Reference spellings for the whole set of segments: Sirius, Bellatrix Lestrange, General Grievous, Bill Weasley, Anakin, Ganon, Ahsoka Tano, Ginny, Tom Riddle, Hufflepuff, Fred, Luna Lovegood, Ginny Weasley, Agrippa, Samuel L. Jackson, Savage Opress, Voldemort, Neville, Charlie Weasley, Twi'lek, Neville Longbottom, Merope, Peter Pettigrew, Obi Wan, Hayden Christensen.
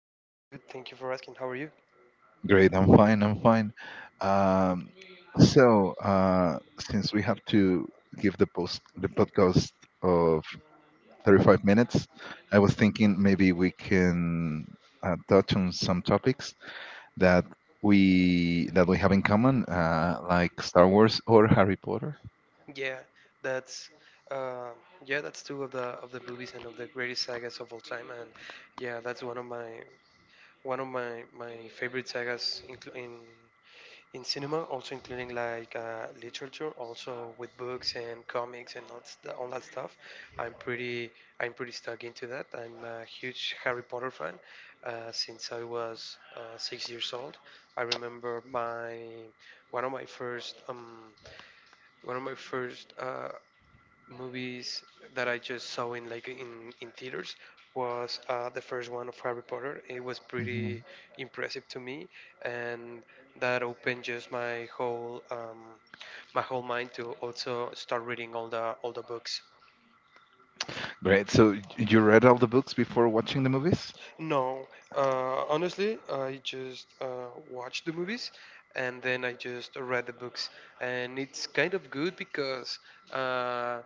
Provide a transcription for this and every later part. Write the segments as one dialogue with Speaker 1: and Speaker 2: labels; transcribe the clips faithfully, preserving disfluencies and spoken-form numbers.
Speaker 1: I'm pretty good. Thank you for asking. How are you?
Speaker 2: Great, I'm fine, I'm fine. Um, so uh, since we have to give the post the podcast of thirty-five minutes, I was thinking maybe we can uh, touch on some topics that we that we have in common, uh, like Star Wars or Harry Potter.
Speaker 1: Yeah, that's uh, yeah, that's two of the of the movies and of the greatest sagas of all time. And yeah, that's one of my one of my my favorite sagas, including in cinema, also including like uh, literature, also with books and comics and all, st- all that stuff. I'm pretty I'm pretty stuck into that. I'm a huge Harry Potter fan uh, since I was uh, six years old. I remember my one of my first um, one of my first uh, movies that I just saw in like in in theaters was uh, the first one of Harry Potter. It was
Speaker 2: Hmm.
Speaker 1: pretty impressive to me, and that opened just my whole um, my whole mind to also start reading all the all the books.
Speaker 2: Great. So y- you read all the books before watching the movies?
Speaker 1: No, uh, honestly, I just uh, watched the movies, and then I just read the books, and it's kind of good because. Uh,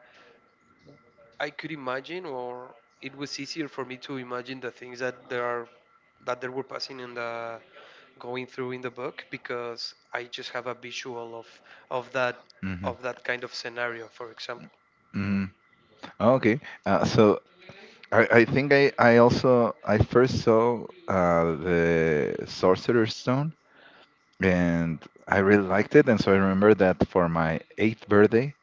Speaker 1: I could imagine, or it was easier for me to imagine the things that there are that there were passing in the going through in the book because I just have a visual of of that
Speaker 2: Hmm.
Speaker 1: of that kind of scenario, for example.
Speaker 2: Hmm. Okay. Uh, so I, I think I, I also I first saw uh, the Sorcerer's Stone, and I really liked it, and so I remember that for my eighth birthday.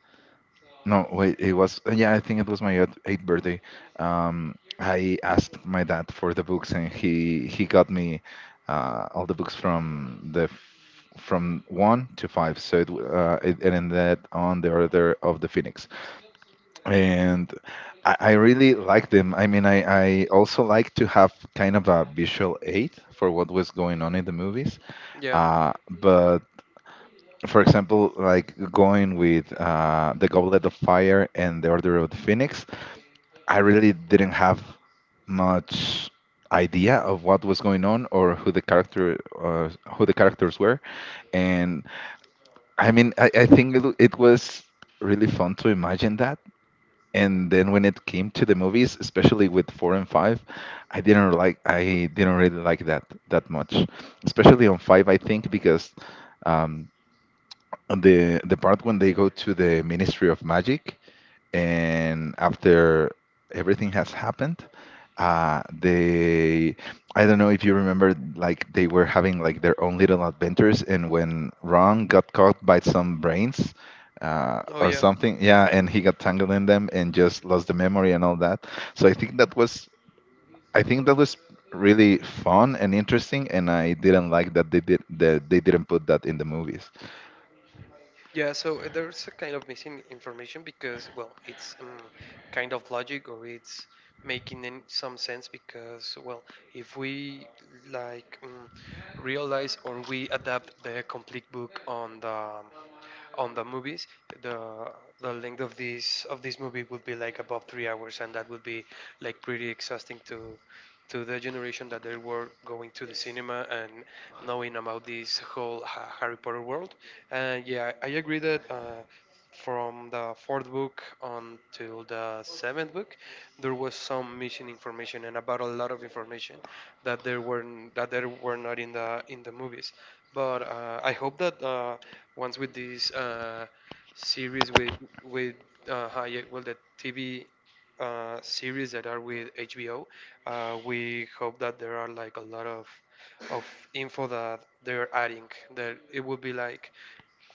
Speaker 2: No, wait, it was, yeah, I think it was my eighth eighth birthday. um, I asked my dad for the books, and he he got me uh, all the books from the f- from one to five, so it, w- uh, it, it ended on the Order of the Phoenix. And I, I really like them. I mean, I, I also like to have kind of a visual aid for what was going on in the movies.
Speaker 1: Yeah.
Speaker 2: Uh, but for example, like going with uh, the Goblet of Fire and the Order of the Phoenix, I really didn't have much idea of what was going on, or who the character uh, who the characters were. And I mean, I, I think it, it was really fun to imagine that. And then when it came to the movies, especially with four and five, I didn't like I didn't really like that that much, especially on five, I think, because um on the the part when they go to the Ministry of Magic. And after everything has happened, uh they I don't know if you remember, like they were having like their own little adventures, and when Ron got caught by some brains uh,
Speaker 1: Oh
Speaker 2: or
Speaker 1: yeah.
Speaker 2: something, yeah, and he got tangled in them and just lost the memory and all that. So i think that was I think that was really fun and interesting, and I didn't like that they did that they didn't put that in the movies.
Speaker 1: Yeah. So uh, there's a kind of missing information because well, it's um, kind of logic or it's making in some sense because well, if we like um, realize or we adapt the complete book on the on the movies, the the length of this of this movie would be like above three hours, and that would be like pretty exhausting to to the generation that they were going to the cinema and knowing about this whole Ha- Harry Potter world. And yeah, I agree that. Uh, from the fourth book until the seventh book, there was some missing information and about a lot of information that there were that there were not in the in the movies. But uh, I hope that uh, once with this uh, series with with uh, Hayek, well, the T V uh, series that are with H B O, uh, we hope that there are like a lot of of info that they're adding. That it will be like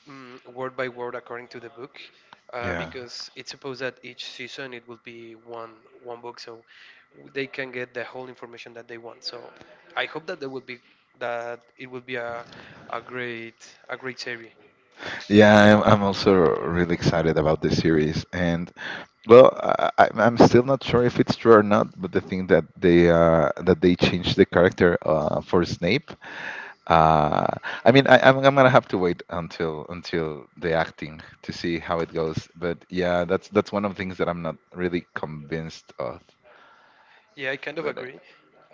Speaker 1: mm, word by word according to the book. Uh,
Speaker 2: Yeah.
Speaker 1: because it's supposed that each season it will be one one book, so they can get the whole information that they want. So I hope that there will be that it will be a, a great a great series.
Speaker 2: Yeah, I'm, I'm also really excited about this series. And well, I, I- I'm still not sure if it's true or not, but the thing that they uh, that they changed the character uh, for Snape. Uh, I mean, I, I'm, I'm gonna have to wait until until the acting to see how it goes. But yeah, that's that's one of the things that I'm not really convinced of.
Speaker 1: Yeah, I kind of
Speaker 2: But,
Speaker 1: agree.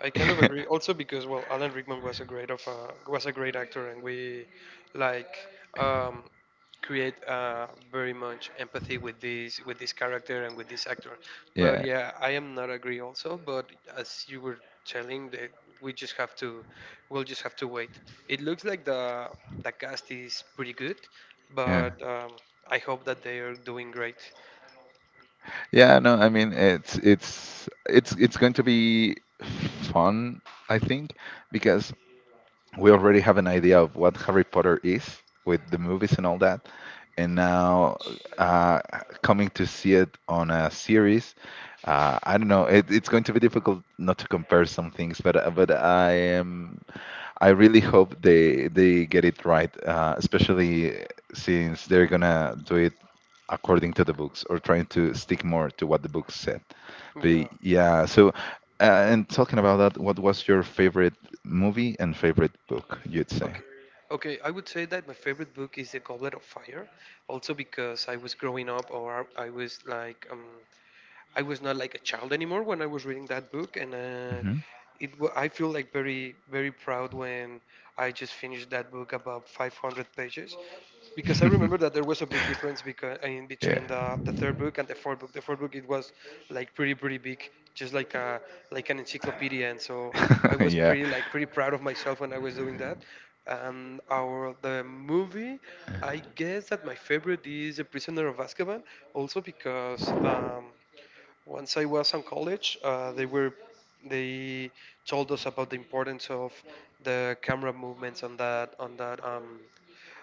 Speaker 1: I kind of agree. Also because well, Alan Rickman was a great of a, was a great actor, and we like um, create uh, very much empathy with this with this character and with this actor. But
Speaker 2: yeah,
Speaker 1: yeah, I am not agree also. But as you were telling, that we just have to we'll just have to wait. It looks like the the cast is pretty good,
Speaker 2: yeah,
Speaker 1: but um, I hope that they are doing great.
Speaker 2: yeah. No, I mean, it's it's it's it's going to be fun, I think, because we already have an idea of what Harry Potter is with the movies and all that. And now, uh, coming to see it on a series, uh, I don't know. It, it's going to be difficult not to compare some things, but uh, but I am I really hope they they get it right, uh, especially since they're gonna do it according to the books, or trying to stick more to what the books said. But
Speaker 1: Yeah.
Speaker 2: yeah, so, uh, and talking about that, what was your favorite movie and favorite book, you'd say?
Speaker 1: Okay. Okay, I would say that my favorite book is The Goblet of Fire, also because I was growing up or I was like um, I was not like a child anymore when I was reading that book, and uh,
Speaker 2: Hmm.
Speaker 1: it wa- I feel like very very proud when I just finished that book about five hundred pages, because I remember that there was a big difference because in
Speaker 2: Yeah.
Speaker 1: between the, the third book and the fourth book. The fourth book it was like pretty pretty big, just like a like an encyclopedia, and so I was
Speaker 2: Yeah.
Speaker 1: pretty like pretty proud of myself when I was doing that. And our the movie, I guess that my favorite is The Prisoner of Azkaban, also because. Um, once I was in college, uh, they were they told us about the importance of the camera movements on that on that um,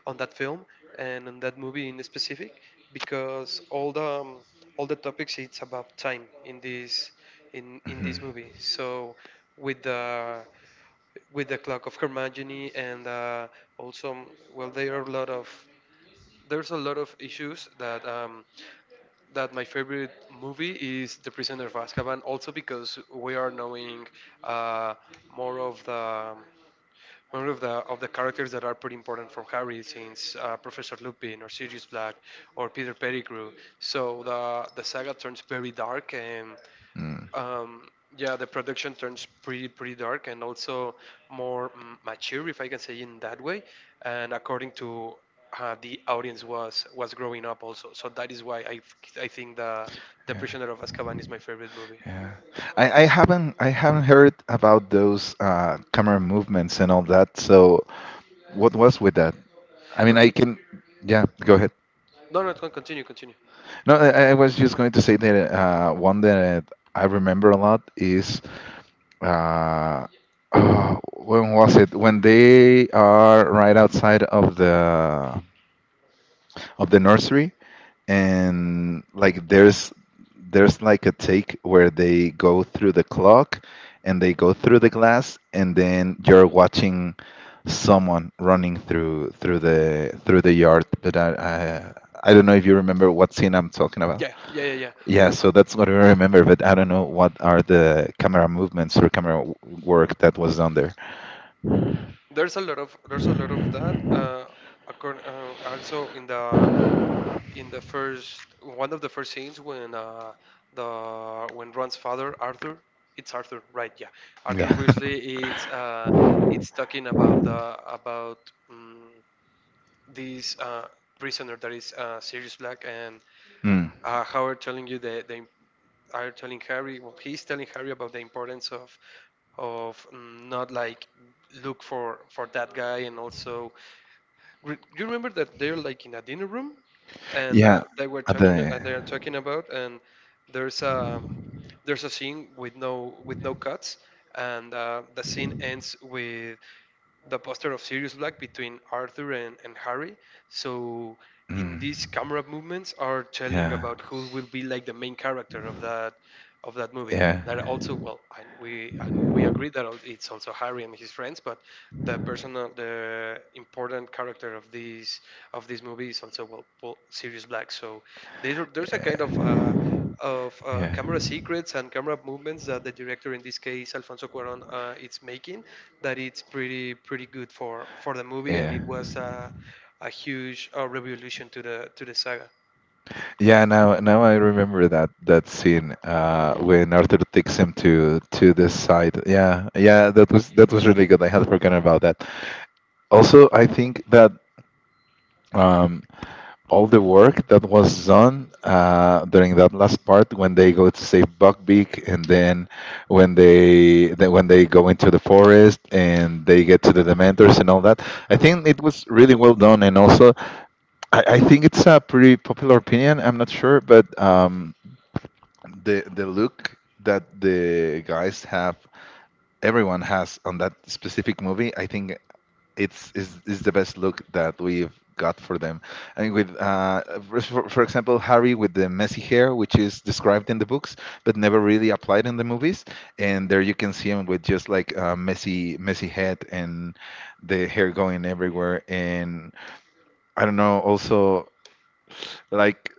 Speaker 1: on that film and on that movie in specific because all the um, all the topics it's about time in this in in
Speaker 2: Mhm.
Speaker 1: this movie so with the with the clock of Hermione and uh, also well there are a lot of there's a lot of issues that um, that my favorite movie is The Prisoner of Azkaban, also because we are knowing uh, more of the more of the of the characters that are pretty important from Harry, since uh, Professor Lupin or Sirius Black or Peter Pettigrew. So the the saga turns very dark and
Speaker 2: Mm.
Speaker 1: um, yeah, the production turns pretty pretty dark and also more mm, mature, if I can say in that way. And according to uh, the audience was was growing up also, so that is why I f- I think the the
Speaker 2: Yeah.
Speaker 1: Prisoner of Azkaban is my favorite movie.
Speaker 2: Yeah. I, I haven't I haven't heard about those uh, camera movements and all that. So what was with that? I mean, I
Speaker 1: Okay,
Speaker 2: can. Yeah, go.
Speaker 1: no, no, con- continue, continue.
Speaker 2: No, I, I was just going to say that uh, one that I remember a lot is uh, oh, when was it? When they are right outside of the of the nursery, and like there's there's like a take where they go through the clock and they go through the glass, and then you're watching someone running through through the through the yard. But I I, I don't know if you remember what scene I'm talking about.
Speaker 1: Yeah, yeah, yeah, yeah.
Speaker 2: Yeah,
Speaker 1: Also,
Speaker 2: so that's what I remember, but I don't know what are the camera movements, or camera w- work that was done there.
Speaker 1: there's a lot of there's a lot of that. Uh, according, uh, also in the in the first one of the first scenes when uh, the when Ron's father Arthur it's Arthur right yeah Arthur
Speaker 2: Yeah.
Speaker 1: Weasley is uh, it's talking about the about um, this uh, prisoner that is uh, Sirius Black and
Speaker 2: Mm.
Speaker 1: uh, how are telling you the the im- are telling Harry well he's telling Harry about the importance of of mm, not like look for for that guy and also Re- you remember that they're like in a dinner room, and uh,
Speaker 2: Yeah.
Speaker 1: they were
Speaker 2: At
Speaker 1: talking and
Speaker 2: the.
Speaker 1: they're talking about and there's a there's a scene with no with no cuts, and uh, the scene ends with the poster of Sirius Black between Arthur and, and Harry. So in
Speaker 2: Mm.
Speaker 1: these camera movements are telling
Speaker 2: Yeah.
Speaker 1: about who will be like the main character of that of that movie.
Speaker 2: Yeah.
Speaker 1: That also well, and we and we agree that it's also Harry and his friends, but the personal the important character of these of this movie is also well, well Sirius Black. So there there's a kind of uh,
Speaker 2: Yeah.
Speaker 1: of uh,
Speaker 2: Yeah.
Speaker 1: camera secrets and camera movements that the director in this case Alfonso Cuarón uh, is making that it's pretty pretty good for for the movie, and
Speaker 2: Yeah.
Speaker 1: it was a a huge uh, revolution to the to the saga.
Speaker 2: Yeah, now now I remember that that scene, uh when Arthur takes him to to this side. Yeah. Yeah, that was that was really good. I had forgotten about that. Also, I think that, um, all the work that was done uh, during that last part, when they go to save Buckbeak, and then when they then when they go into the forest and they get to the Dementors and all that, I think it was really well done. And also, I, I think it's a pretty popular opinion. I'm not sure, but um, the the look that the guys have, everyone has on that specific movie, I think it's is, is the best look that we've got for them. And with, uh, for, for example, Harry with the messy hair, which is described in the books but never really applied in the movies. And there you can see him with just like a messy, messy head, and the hair going everywhere. And I don't know, also, like,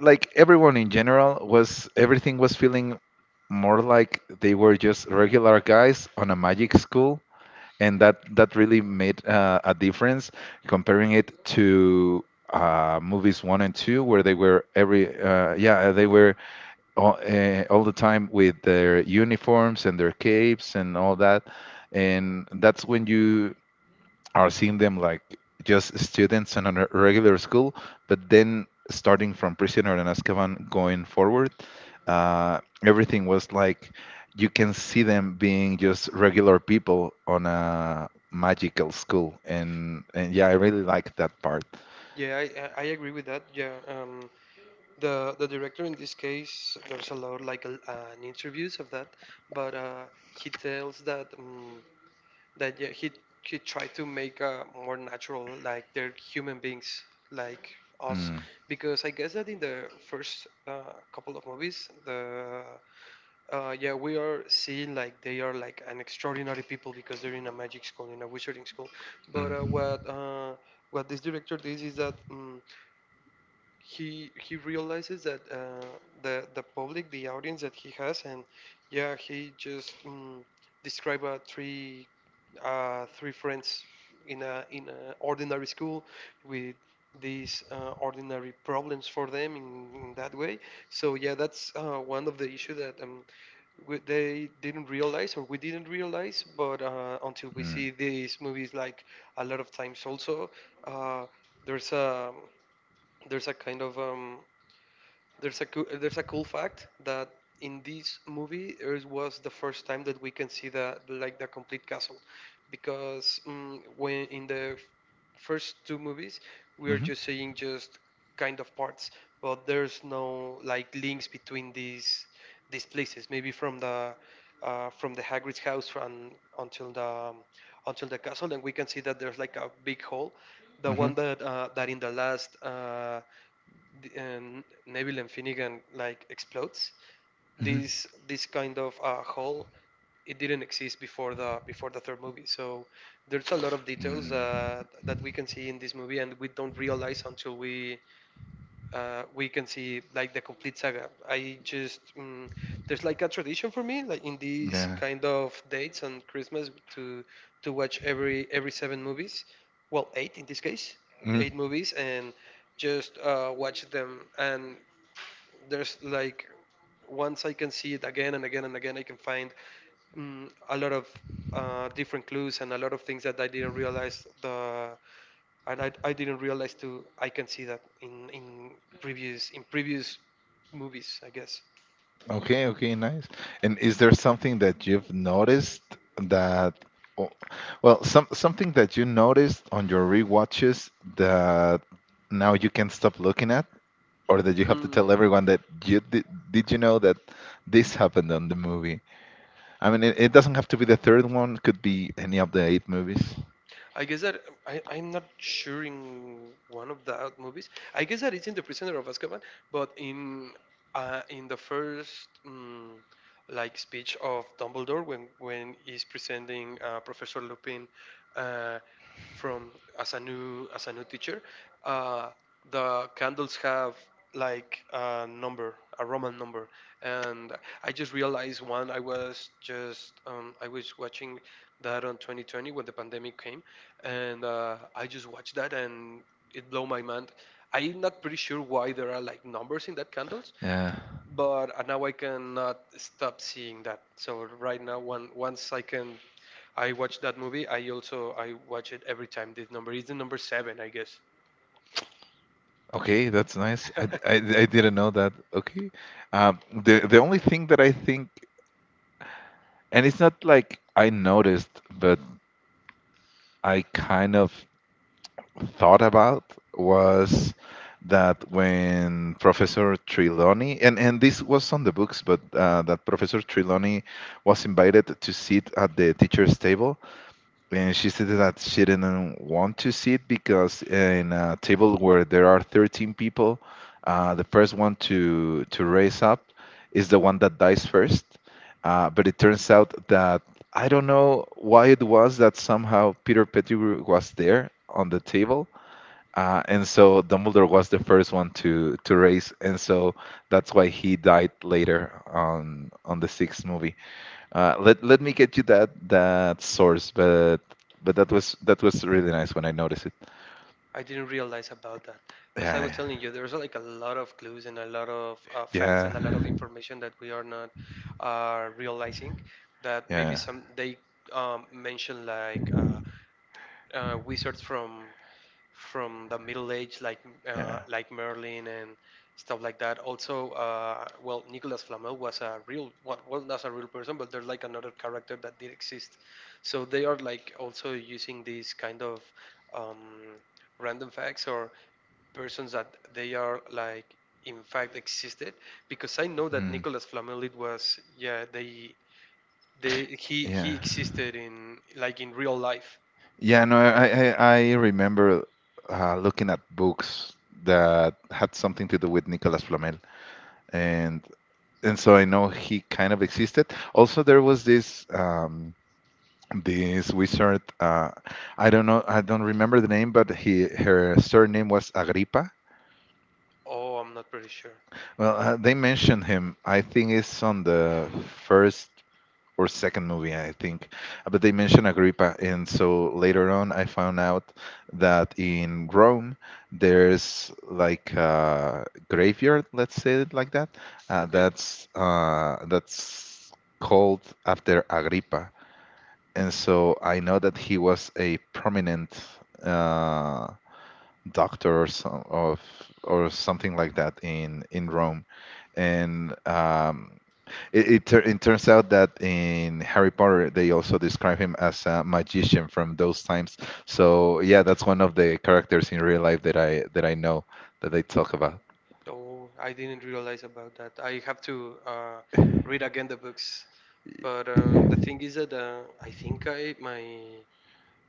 Speaker 2: like everyone in general was, everything was feeling more like they were just regular guys on a magic school, and that that really made uh, a difference, comparing it to uh, movies one and two, where they were every uh, yeah, uh, they were all, uh, all the time with their uniforms and their capes and all that. And that's when you are seeing them like just students in a re- regular school, but then starting from Prisoner and Azkaban going forward, uh, everything was like you can see them being just regular people on a magical school, and and yeah, I really like that part.
Speaker 1: Yeah, I I I agree with that. Yeah, um, the the director in this case, there's a lot like uh, an interviews of that, but uh, he tells that. Um, That yeah, he he tried to make uh, more natural like they're human beings like us
Speaker 2: Mm,
Speaker 1: because I guess that in the first uh, couple of movies the Uh, yeah, we are seeing like they are like an extraordinary people because they're in a magic school, in a wizarding school. But uh,
Speaker 2: mm,
Speaker 1: what uh, what this director did is that. mm he he realizes that uh, the the public, the audience that he has, and yeah, he just mm, describe uh, three uh, three friends in a in a ordinary school with these uh, ordinary problems for them in, in that way. So yeah, that's uh, one of the issue that um, we, they didn't realize or we didn't realize, but uh, until we
Speaker 2: mm,
Speaker 1: see these movies like a lot of times also. Uh, there's a there's a kind of um, there's a coo- there's a cool fact that in this movie it was the first time that we can see the like the complete castle because um, when in the f- first two movies we are
Speaker 2: mhm,
Speaker 1: just seeing just kind of parts but there's no like links between these these places maybe from the uh, from the Hagrid's house and until the um, until the castle and we can see that there's like a big hole the
Speaker 2: mhm,
Speaker 1: one that uh, that in the last uh, the- and Neville and Finnegan like explodes.
Speaker 2: mhm,
Speaker 1: This this kind of uh, hole, it didn't exist before the before the third movie. So there's a lot of details
Speaker 2: mm,
Speaker 1: uh, that we can see in this movie and we don't realize until we uh, we can see like the complete saga. I just mm, there's like a tradition for me, like in these
Speaker 2: yeah.
Speaker 1: kind of dates on Christmas, to to watch every every seven movies, well eight in this case,
Speaker 2: Mhm.
Speaker 1: eight movies, and just uh, watch them. And there's like once I can see it again and again and again, I can find mm, a lot of uh, different clues and a lot of things that I didn't realize the and I, I didn't realize too. I can see that in in previous in previous movies, I guess.
Speaker 2: Okay, okay, nice. And is there something that you've noticed, that, o- well, some something that you noticed on your rewatches that now you can't stop looking at, or that you have to
Speaker 1: Mm,
Speaker 2: tell everyone that you did? Did you know that this happened on the movie? I mean, it, it doesn't have to be the third one. Could be any of the eight movies.
Speaker 1: I guess that I, I'm not sure in one of the out movies. I guess that it's in The Prisoner of Azkaban, but in uh, in the first. mm like speech of Dumbledore when when he's presenting uh, Professor Lupin uh, from as a new as a new teacher. Uh, the candles have like a number, a Roman number, and I just realized one. I was just um, I was watching that on twenty twenty when the pandemic came, and uh, I just watched that and it blew my mind. I'm not pretty sure why there are like numbers in that candles,
Speaker 2: Yeah.
Speaker 1: but uh, now I cannot stop seeing that. So right now, when once I can, I watch that movie. I also I watch it every time. This number is the number seven, I guess.
Speaker 2: Okay, that's nice. I, d- I d- I didn't know that. Okay. Um, the the only thing that I think, and it's not like I noticed, but I kind of thought about, was that when Professor Trelawney, and and this was on the books, but uh, that Professor Trelawney was invited to sit at the teacher's table. And she said that she didn't want to see it because in a table where there are thirteen people, uh, the first one to to raise up is the one that dies first. Uh, but it turns out that I don't know why it was that somehow Peter Pettigrew was there on the table. Uh, and so Dumbledore was the first one to to raise, and so that's why he died later on on the sixth movie. Uh, let let me get you that that source, but but that was that was really nice when I noticed it.
Speaker 1: I didn't realize about that. As I was
Speaker 2: Yeah,
Speaker 1: telling you, there's like a lot of clues and a lot of uh, facts
Speaker 2: yeah,
Speaker 1: and a lot of information that we are not uh, realizing. That maybe
Speaker 2: yeah,
Speaker 1: some they um, mention like uh, uh, wizards from from the Middle Age, like
Speaker 2: yeah,
Speaker 1: uh, like Merlin and stuff like that. Also, uh, well, Nicolas Flamel was a real well, well, not a real person, but they're like another character that did exist. So they are like also using these kind of um, random facts or persons that they are like in fact existed because I know that
Speaker 2: mm,
Speaker 1: Nicolas Flamel it was yeah they they he he
Speaker 2: yeah,
Speaker 1: existed in like in real life.
Speaker 2: yeah. No, I I, I remember uh, looking at books that had something to do with Nicolas Flamel, and and so I know he kind of existed. Also, there was this, um, this wizard. Uh, I don't know. I don't remember the name, but he her surname was Agrippa.
Speaker 1: Oh, I'm not pretty sure.
Speaker 2: Well, uh, they mentioned him. I think it's on the first or second movie, I think. Uh, But they mentioned Agrippa, and so later on, I found out that in Rome there's like a graveyard, let's say it like that. Uh,
Speaker 1: Okay.
Speaker 2: that's uh, that's called after Agrippa, and so I know that he was a prominent. Uh, Doctors of, or something like that, in in Rome, and um, it it, tur it turns out that in Harry Potter they also describe him as a magician from those times. So yeah, that's one of the characters in real life that I that I know that they talk about.
Speaker 1: Oh, I didn't realize about that. I have to uh, read again the books. But uh, the thing is that uh, I think I my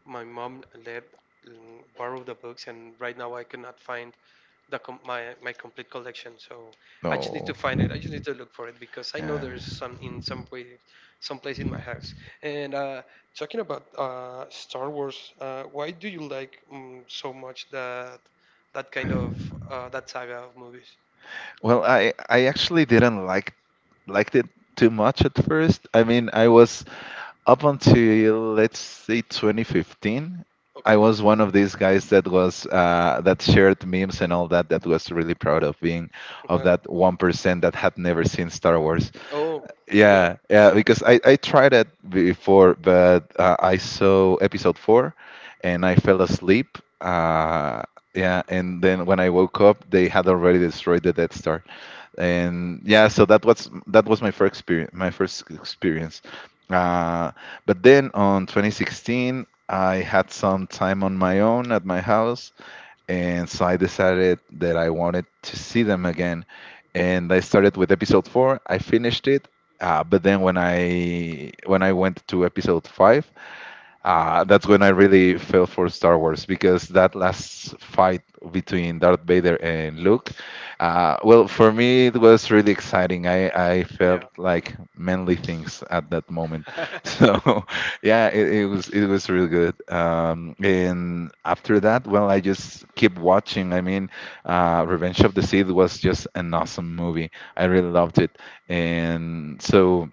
Speaker 1: my mom let mm, borrow the books, and right now I cannot find the com- my my complete collection. So I just need to
Speaker 2: No,
Speaker 1: find it. I just need to look for it because I know
Speaker 2: yeah.
Speaker 1: there's some in some way, someplace in my house. And uh, talking about uh, Star Wars, uh, why do you like um, so much that that kind of uh, that saga of movies?
Speaker 2: Well, I I actually didn't like liked it too much at first. I mean, I was up until let's say twenty fifteen, I
Speaker 1: Okay.
Speaker 2: was one of these guys that was uh, that shared memes and all that. That was really proud of being of that one percent that had never seen Star Wars.
Speaker 1: Oh, yeah,
Speaker 2: Yeah, yeah, because I, I tried it before, but uh, I saw episode four and I fell asleep. Uh, yeah, and then when I woke up, they had already destroyed the Death Star, and yeah, so that was that was my first experience, my first experience uh, but then on twenty sixteen I had some time on my own at my house, and so I decided that I wanted to see them again. And I started with episode four. I finished it. Uh, but then when i when i went to episode five, uh, that's when I really fell for Star Wars because that last fight between Darth Vader and Luke, uh, well, for me it was really exciting. I, I
Speaker 1: yeah.
Speaker 2: felt like manly things at that moment, so yeah, it, it was it was really good. Um, and after that, well, I just keep watching. I mean, uh, Revenge of the Sith was just an awesome movie. I really loved it, and so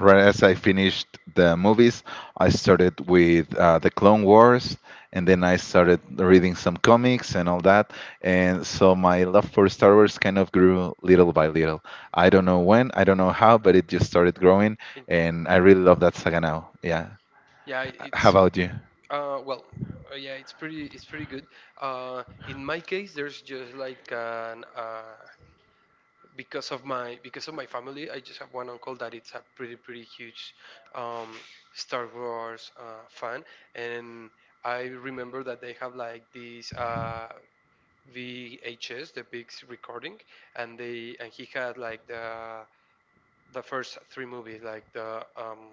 Speaker 2: right as I finished the movies, I started with uh, the Clone Wars, and then I started reading some comics and all that. And so my love for Star Wars kind of grew little by little. I don't know when, I don't know how, but it just started growing,
Speaker 1: It-
Speaker 2: and I really love that saga now. Yeah.
Speaker 1: yeah,
Speaker 2: How
Speaker 1: it's
Speaker 2: about you?
Speaker 1: Uh, well, uh, yeah, it's pretty it's pretty good. Uh, in my case, there's just like an uh, because of my because of my family, I just have one uncle that it's a pretty pretty huge um, Star Wars uh, fan, and I remember that they have like these. Uh, V H S, the big s- recording, and they and he had like the the first three movies, like the um,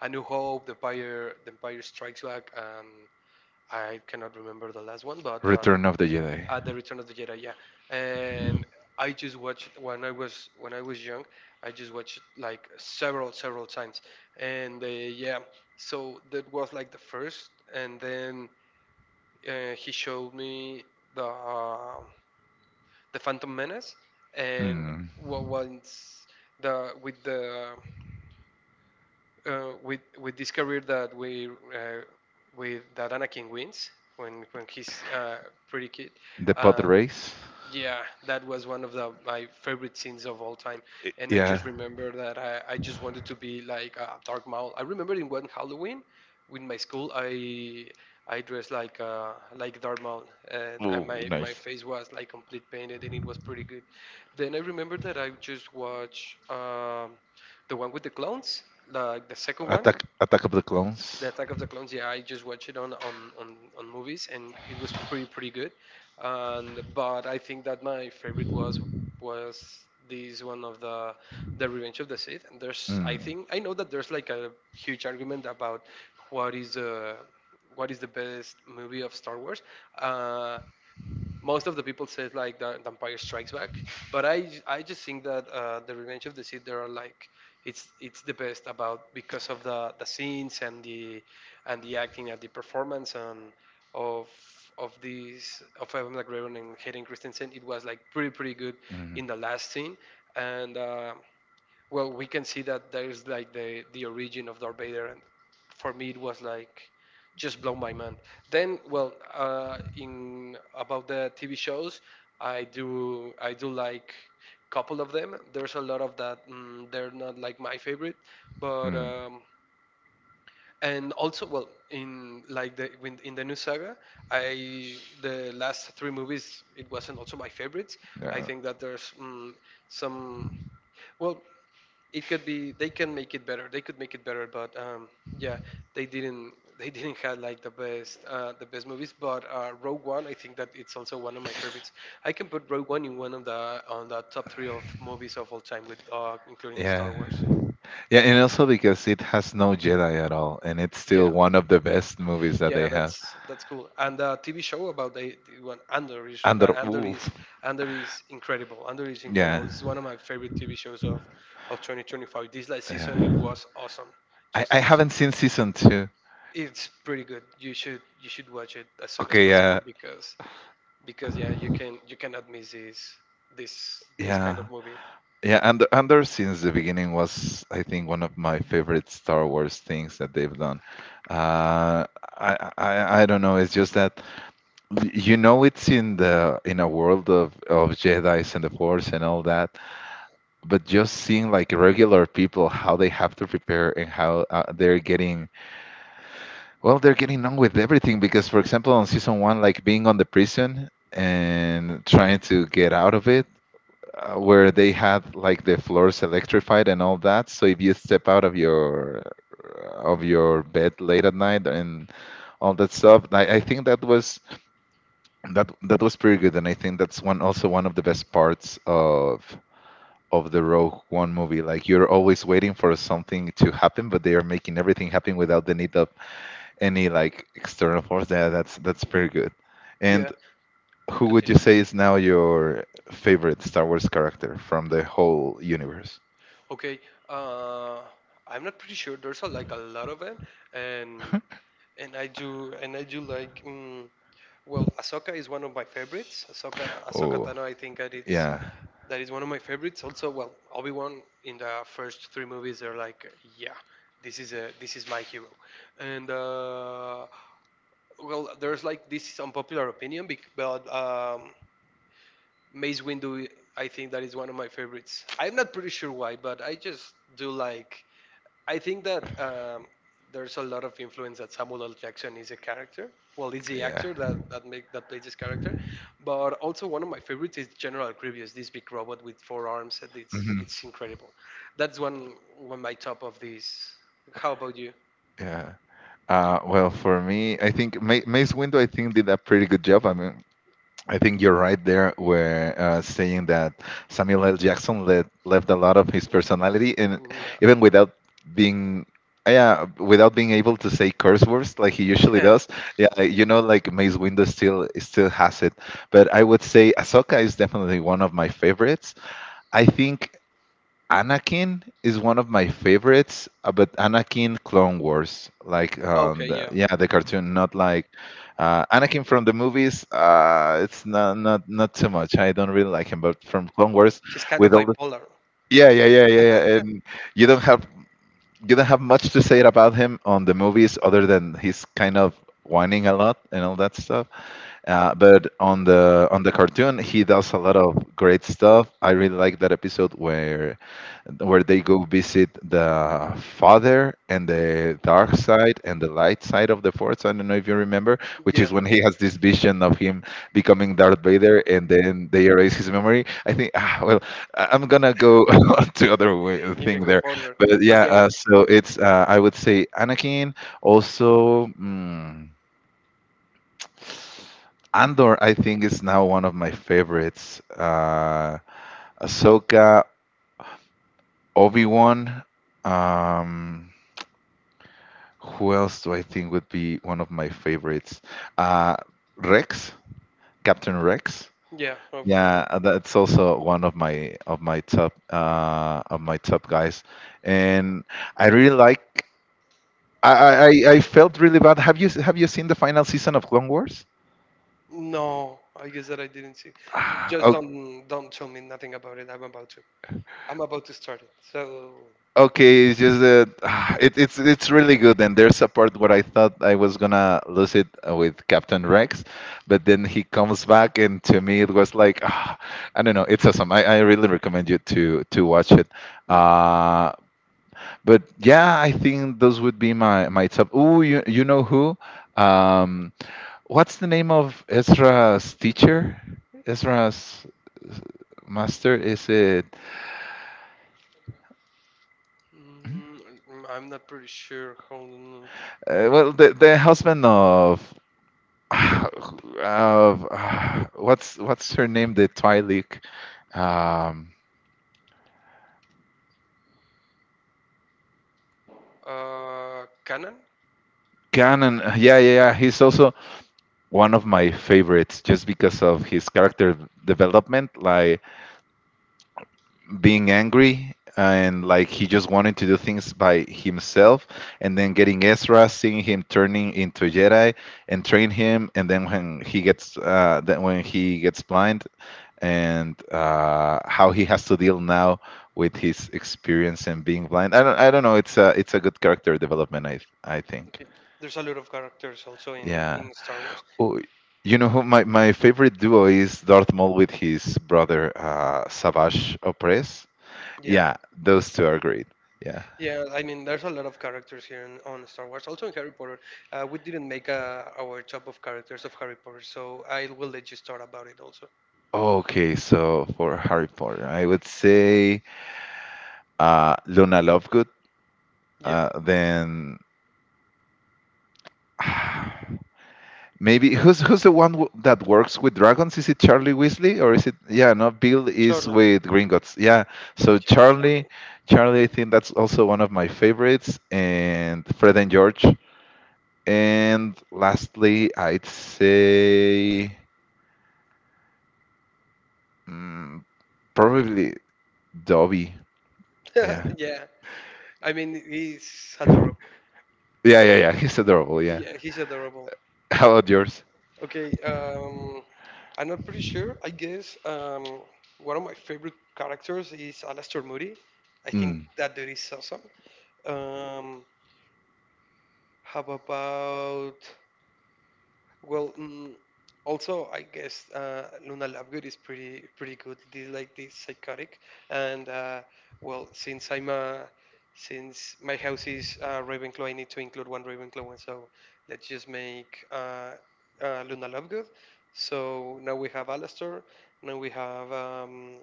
Speaker 1: A New Hope, the Empire, the Empire Strikes Back, and I cannot remember the last one, but uh,
Speaker 2: Return of the Jedi.
Speaker 1: at the Return of the Jedi, yeah. And I just watched when I was when I was young. I just watched like several several times, and uh, yeah. So that was like the first, and then uh, he showed me the uh, the Phantom Menace, and
Speaker 2: Hmm.
Speaker 1: what once the with the uh, we we discovered that we uh, with that Anakin wins when when he's uh, pretty kid.
Speaker 2: The pod
Speaker 1: Uh,
Speaker 2: race.
Speaker 1: yeah, that was one of the my favorite scenes of all time,
Speaker 2: It,
Speaker 1: and I
Speaker 2: yeah.
Speaker 1: just remember that I, I just wanted to be like a dark mole. I remember in one Halloween, with my school, I I dressed like uh like dark mole, and I,
Speaker 2: Ooh,
Speaker 1: my my
Speaker 2: nice.
Speaker 1: face was like complete painted, and it was pretty good. Then I remember that I just watched um, the one with the clones, like the second one,
Speaker 2: Attack Attack of the
Speaker 1: the
Speaker 2: Clones.
Speaker 1: Attack of the Clones, yeah, I just watched it on on, on, on movies and it was pretty pretty good. And but I think that my favorite was was this one of the the Revenge of the Sith. And there's I
Speaker 2: Mm.
Speaker 1: think I know that there's like a huge argument about what is uh, what is the best movie of Star Wars. Uh, Most of the people says like the, the Empire Strikes Back, but I j- I just think that uh, the Revenge of the Sith there are like it's it's the best about because of the the scenes and the and the acting and the performance and of of these of Evan McGregor and Hayden Christensen. It was like pretty pretty good
Speaker 2: Mm.
Speaker 1: in the last scene and. Uh, well, we can see that there's like the the origin of Darth Vader, and for me it was like just blown my mind. Then well uh, in about the T V shows I do I do like couple of them. There's a lot of that mm, they're not like my favorite, but
Speaker 2: Mm.
Speaker 1: um, and also well in like the when- in the new saga I the last three movies it wasn't also my favorites. I
Speaker 2: Yeah.
Speaker 1: think that there's mm, some well it could be they can make it better they could make it better, but um yeah, they didn't they didn't have like the best uh the best movies, but uh Rogue One I think that it's also one of my favorites. I can put Rogue One in one of the on the top three of movies of all time with uh including Star
Speaker 2: Yeah.
Speaker 1: Wars.
Speaker 2: Yeah, and also because it has no Jedi at all, and it's still
Speaker 1: Yeah,
Speaker 2: one of the best movies that
Speaker 1: yeah,
Speaker 2: they have.
Speaker 1: that's that's cool. And the TV show about the, the one Andor is no,
Speaker 2: Andor,
Speaker 1: Andor
Speaker 2: oof.
Speaker 1: is Andor is incredible. Andor is incredible.
Speaker 2: Yeah,
Speaker 1: This is one of my favorite TV shows of of twenty twenty-five. This last season it
Speaker 2: yeah.
Speaker 1: was awesome,
Speaker 2: I,
Speaker 1: just
Speaker 2: I
Speaker 1: awesome.
Speaker 2: haven't seen season two.
Speaker 1: It's pretty good. You should you should watch it as soon as
Speaker 2: Okay,
Speaker 1: possible
Speaker 2: yeah,
Speaker 1: because because yeah, you can you cannot miss this this this kind of
Speaker 2: yeah.
Speaker 1: movie.
Speaker 2: Yeah, Andor, Andor since the beginning was, I think, one of my favorite Star Wars things that they've done. Uh, I, I, I don't know. It's just that y- you know it's in the in a world of, of Jedi's and the Force and all that, but just seeing like regular people how they have to prepare and how uh, they're getting, well, they're getting on with everything because for example on season one, like being on the prison and trying to get out of it, uh, where they had like the floors electrified and all that. So if you step out of your, of your bed late at night and all that stuff, i, I think that was, that that was pretty good. And I think that's one, also one of the best parts of of the Rogue One movie. Like you're always waiting for something to happen, but they are making everything happen without the need of any like external force. Yeah, that's that's pretty good. And
Speaker 1: Yeah,
Speaker 2: who would you
Speaker 1: continue.
Speaker 2: say is now your favorite Star Wars character from the whole universe?
Speaker 1: Okay, uh, I'm not pretty sure. There's a, like a lot of it, and and I do and I do like. Mm, well, Ahsoka is one of my favorites. Ahsoka, Ahsoka
Speaker 2: Oh,
Speaker 1: Tano. I think that it's
Speaker 2: yeah,
Speaker 1: that is one of my favorites. Also, well, Obi Wan in the first three movies, they're like, yeah, this is a this is my hero, and uh, well, there's like this unpopular opinion, bec- but um, Mace Windu, I think that is one of my favorites. I'm not pretty sure why, but I just do like I think that um, there's a lot of influence that Samuel L. Jackson is a character. Well, he's the
Speaker 2: yeah.
Speaker 1: actor that that make that plays this character, but also one of my favorites is General Grievous, this big robot with four arms. And It's
Speaker 2: Mhm.
Speaker 1: it's incredible. That's one one my top of these. How about you?
Speaker 2: Yeah. Uh, well, for me, I think Ma Mace Windu, I think did a pretty good job. I mean, I think you're right there, where uh, saying that Samuel L. Jackson let, left a lot of his personality, and
Speaker 1: Mm, yeah,
Speaker 2: even without being, yeah, without being able to say curse words like he usually
Speaker 1: yeah.
Speaker 2: does. Yeah, uh, you know, like Mace Windu still still has it, but I would say Ahsoka is definitely one of my favorites. I think Anakin is one of my favorites, uh, but Anakin Clone Wars, like um,
Speaker 1: Okay,
Speaker 2: the,
Speaker 1: yeah.
Speaker 2: yeah, the cartoon, not like uh, Anakin from the movies. Uh, it's not not not too much. I don't really like him, but from Clone Wars,
Speaker 1: He's kind of
Speaker 2: with all the,
Speaker 1: bipolar.
Speaker 2: yeah yeah yeah yeah, yeah, and you don't have, you don't have much to say about him on the movies other than he's kind of whining a lot and all that stuff. Uh, but on the, on the cartoon, he does a lot of great stuff. I really like that episode where where they go visit the father and the dark side and the light side of the force. I don't know if you remember, which
Speaker 1: Yeah,
Speaker 2: is when he has this vision of him becoming Darth Vader, and then they erase his memory. I think, ah, well, I- I'm gonna go on to other way,
Speaker 1: you
Speaker 2: thing
Speaker 1: can go
Speaker 2: there,
Speaker 1: further,
Speaker 2: but
Speaker 1: but
Speaker 2: yeah.
Speaker 1: yeah, it-
Speaker 2: Uh, so it's uh, I would say Anakin. Also, mm, Andor, I think, is now one of my favorites. Uh, Ahsoka, Obi Wan. Um, Who else do I think would be one of my favorites? Uh, Rex, Captain Rex.
Speaker 1: yeah.
Speaker 2: Yeah, uh, that's also one of my, of my top, uh, of my top guys, and I really like. I, I I I felt really bad. Have you, have you seen the final season of Clone Wars?
Speaker 1: No, I guess that I didn't see.
Speaker 2: Ah,
Speaker 1: Just
Speaker 2: ok.
Speaker 1: don't don't tell me nothing about it. I'm about to. I'm about to start it. So
Speaker 2: Okay, it's just that it, it's it's really good, and there's a part where I thought I was gonna lose it uh, with Captain Rex, but then he comes back, and to me it was like, ah, I don't know, it's awesome. I, I really recommend you to to watch it.
Speaker 1: mm,
Speaker 2: Uh, but yeah, I think those would be my, my top. Ooh, you you know who? Um, what's the name of Ezra's teacher? Ezra's master, is it?
Speaker 1: mm, I'm not pretty sure. Hold on.
Speaker 2: Uh, well, the the husband of uh, uh, what's what's her name? The Twi'lek. Um,
Speaker 1: Uh, canon.
Speaker 2: Ganon. Uh, yeah, yeah, yeah. He's also one of my favorites, just because of his character development, like being angry and like he just wanted to do things by himself, and then getting Ezra, seeing him turning into a Jedi and train him, and then when he gets uh, then when he gets blind, and uh, how he has to deal now with his experience and being blind. I don't I don't know. It's a, it's a good character development, I I think.
Speaker 1: Okay. There's a lot of characters also in
Speaker 2: Yeah.
Speaker 1: in Star Wars.
Speaker 2: Oh, you know who my, my favorite duo is? Darth Maul with his brother, uh, Savage Opress.
Speaker 1: Yeah,
Speaker 2: Yeah, those two are great. Yeah.
Speaker 1: yeah. I mean, there's a lot of characters here in, on Star Wars. Also in Harry Potter. Uh, we didn't make uh, our top of characters of Harry Potter, so I will let you start about it also.
Speaker 2: Okay, so for Harry Potter, I would say uh, Luna Lovegood.
Speaker 1: Yeah,
Speaker 2: Uh, then maybe who's, who's the one w- that works with dragons? Is it Charlie Weasley or is it, yeah? No, Bill is
Speaker 1: Charlie.
Speaker 2: with Gringotts. Yeah, so
Speaker 1: Ch-
Speaker 2: Charlie, Charlie, I think that's also one of my favorites, and Fred and George. And lastly, I'd say mm, probably Dobby.
Speaker 1: Charlie.
Speaker 2: Yeah,
Speaker 1: Yeah. I mean, he's adorable.
Speaker 2: yeah, yeah, yeah. He's adorable. Yeah.
Speaker 1: Yeah, he's adorable.
Speaker 2: How about yours?
Speaker 1: Okay, um, I'm not pretty sure. I guess um, one of my favorite characters is Alastor Moody. I think
Speaker 2: Mm.
Speaker 1: that dude is awesome. Um, how about well, mm, also I guess uh, Luna Lovegood is pretty pretty good. This like this psychotic, and uh, well, since I'm a since my house is uh, Ravenclaw, I need to include one Ravenclaw, and so let's just make uh, uh, Luna Lovegood. So now we have Alastor, now we have um,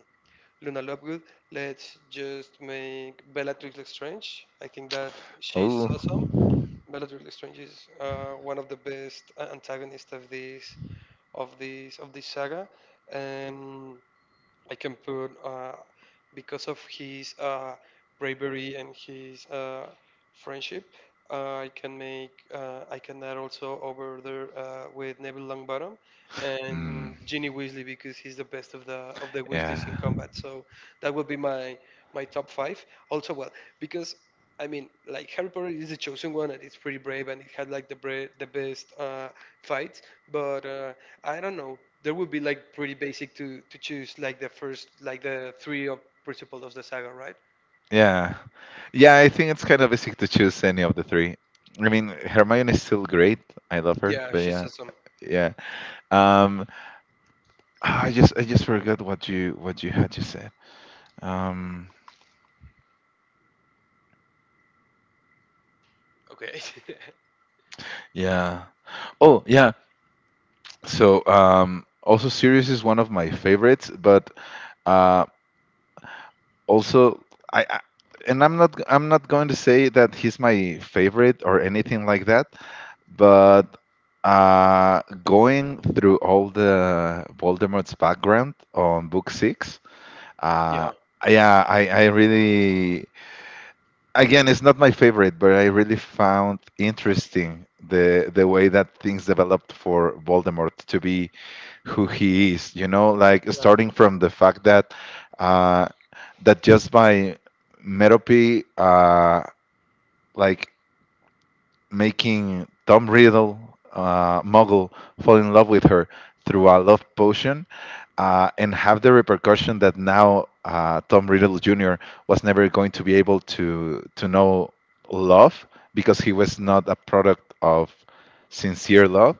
Speaker 1: Luna Lovegood. Let's just make Bellatrix Lestrange. I think that she's awesome.
Speaker 2: Oh.
Speaker 1: Bellatrix Lestrange is uh, one of the best a- antagonists of this of this of this saga. Um, I can put uh, because of his uh, bravery and his uh, friendship. Uh, I can make uh, I can add also over there uh, with Neville Longbottom and
Speaker 2: Mm.
Speaker 1: Ginny Weasley because he's the best of the of the Weasleys
Speaker 2: Yeah.
Speaker 1: in combat. So that would be my my top five. Also, well, because I mean, like Harry Potter is the chosen one and it's pretty brave and it had like the bra- the best uh, fights, but uh, I don't know. There would be like pretty basic to to choose like the first like the three of principles of the saga, right?
Speaker 2: Yeah. Yeah, I think it's kind of basic to choose any of the three. I mean, Hermione is still great. I love her,
Speaker 1: Yeah,
Speaker 2: but
Speaker 1: she's
Speaker 2: yeah,
Speaker 1: awesome.
Speaker 2: yeah. Um, ah, I just, I just forgot what you, what you had just said. Um,
Speaker 1: Okay.
Speaker 2: yeah. Oh, yeah. So, um, also Sirius is one of my favorites, but uh, also, I, I and I'm not, I'm not going to say that he's my favorite or anything like that, but uh, going through all the Voldemort's background on book six, uh,
Speaker 1: Yeah.
Speaker 2: yeah, I, I really, again, it's not my favorite, but I really found interesting the the way that things developed for Voldemort to be who he is. You know, like
Speaker 1: Yeah.
Speaker 2: starting from the fact that uh, that just by Merope, uh, like making Tom Riddle, uh, Muggle, fall in love with her through a love potion, uh, and have the repercussion that now uh, Tom Riddle junior was never going to be able to to know love because he was not a product of sincere love.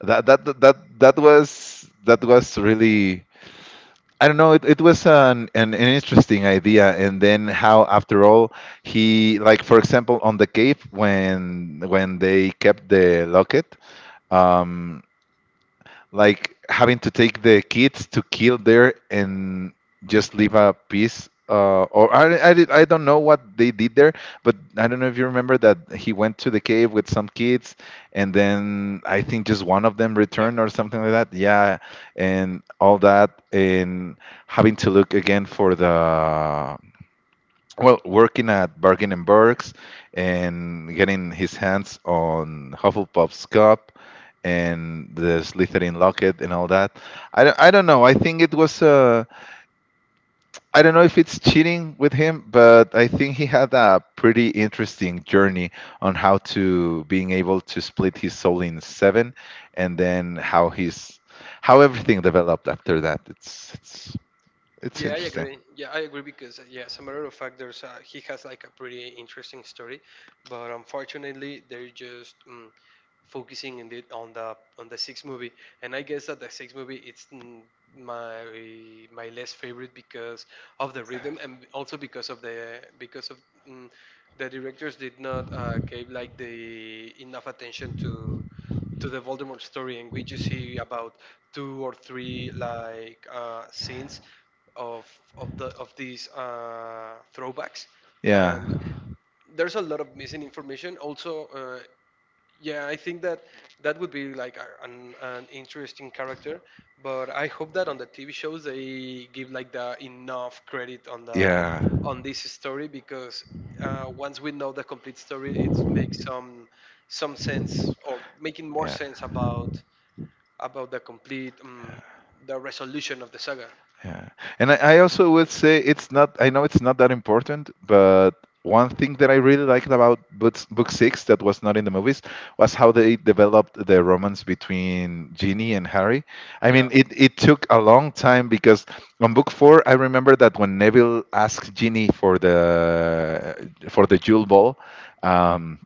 Speaker 2: That that that that that was that was really, I don't know. It, it was an, an an interesting idea, and then how after all he, like for example on the cave when when they kept the locket, um, like having to take the kids to kill there and just leave a piece uh, or I, I, did- I don't know what they did there, but I don't know if you remember that he went to the cave with some kids and then I think just one of them
Speaker 1: Yeah.
Speaker 2: returned or something like that, yeah, and all that, and having to look again for the, well, working at Bargain and Burks and getting his hands on Hufflepuff's cup and the Slytherin locket and all that. I don't, I don't know. I think it was uh, I don't know if it's cheating with him, but I think he had a pretty interesting journey on how to being able to split his soul in seven, and then how he's, how everything developed after that. It's, it's it's
Speaker 1: Yeah, I
Speaker 2: interesting.
Speaker 1: agree. Yeah, I agree because uh, yeah, as a matter of fact, there's uh, he has like a pretty interesting story, but unfortunately, they're just. Mm, focusing in the on the on the sixth movie. And I guess that the sixth movie it's n- my my less favorite because of the rhythm and also because of the because of mm, the directors did not uh, gave like the enough attention to to the Voldemort story, and we just see about two or three like uh, scenes of of the of these uh, throwbacks,
Speaker 2: Yeah.
Speaker 1: and there's a lot of missing information. Also, uh, yeah, I think that that would be like a- an, an interesting character, but I hope that on the T V shows they give like the enough credit on the
Speaker 2: Yeah.
Speaker 1: on this story because uh, once we know the complete story, it makes some some sense or making more
Speaker 2: Yeah,
Speaker 1: sense about about the complete um, the resolution of the saga.
Speaker 2: yeah. And I, I also would say, it's not, I know it's not that important, but one thing that I really liked about books, book six, that was not in the movies was how they developed the romance between Ginny and Harry. I
Speaker 1: Yeah,
Speaker 2: mean, it, it took a long time because on book four, I remember that when Neville asked Ginny for the, for the jewel ball, um,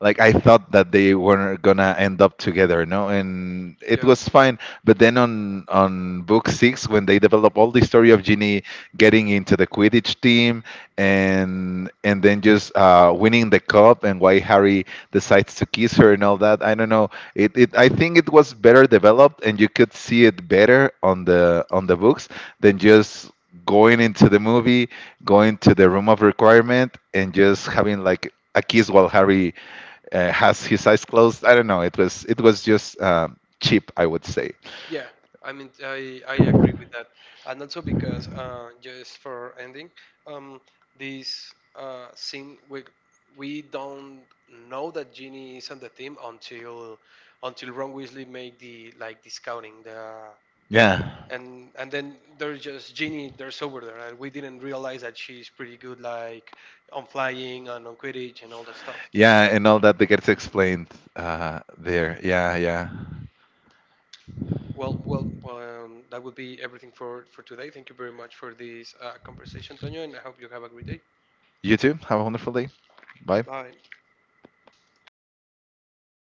Speaker 2: like I thought that they were gonna end up together, no, and it
Speaker 1: yeah.
Speaker 2: was fine. But then on on book six, when they develop all the story of Ginny getting into the Quidditch team and and then just uh, winning the cup and why Harry decides to kiss her and all that, I don't know. It, it I think it was better developed, and you could see it better on the, on the books than just going into the movie, going to the room of requirement, and just having like a kiss while Harry uh, has his eyes closed. I don't know. It was, it was just um, cheap, I would say.
Speaker 1: Yeah, I mean, I, I agree with that, and also because uh, just for ending, um, this uh, scene we we don't know that Ginny is on the team until until Ron Weasley made the like the scouting the
Speaker 2: Yeah,
Speaker 1: and and then there's just Ginny there's over there, and we didn't realize that she's pretty good like on flying and on Quidditch and all that stuff.
Speaker 2: yeah, and all that that gets explained uh, there. Yeah, yeah.
Speaker 1: Well, well, um, that would be everything for for today. Thank you very much for this uh, conversation, Toño, and I hope you have a great day.
Speaker 2: You too. Have a wonderful day. Bye.
Speaker 1: Bye.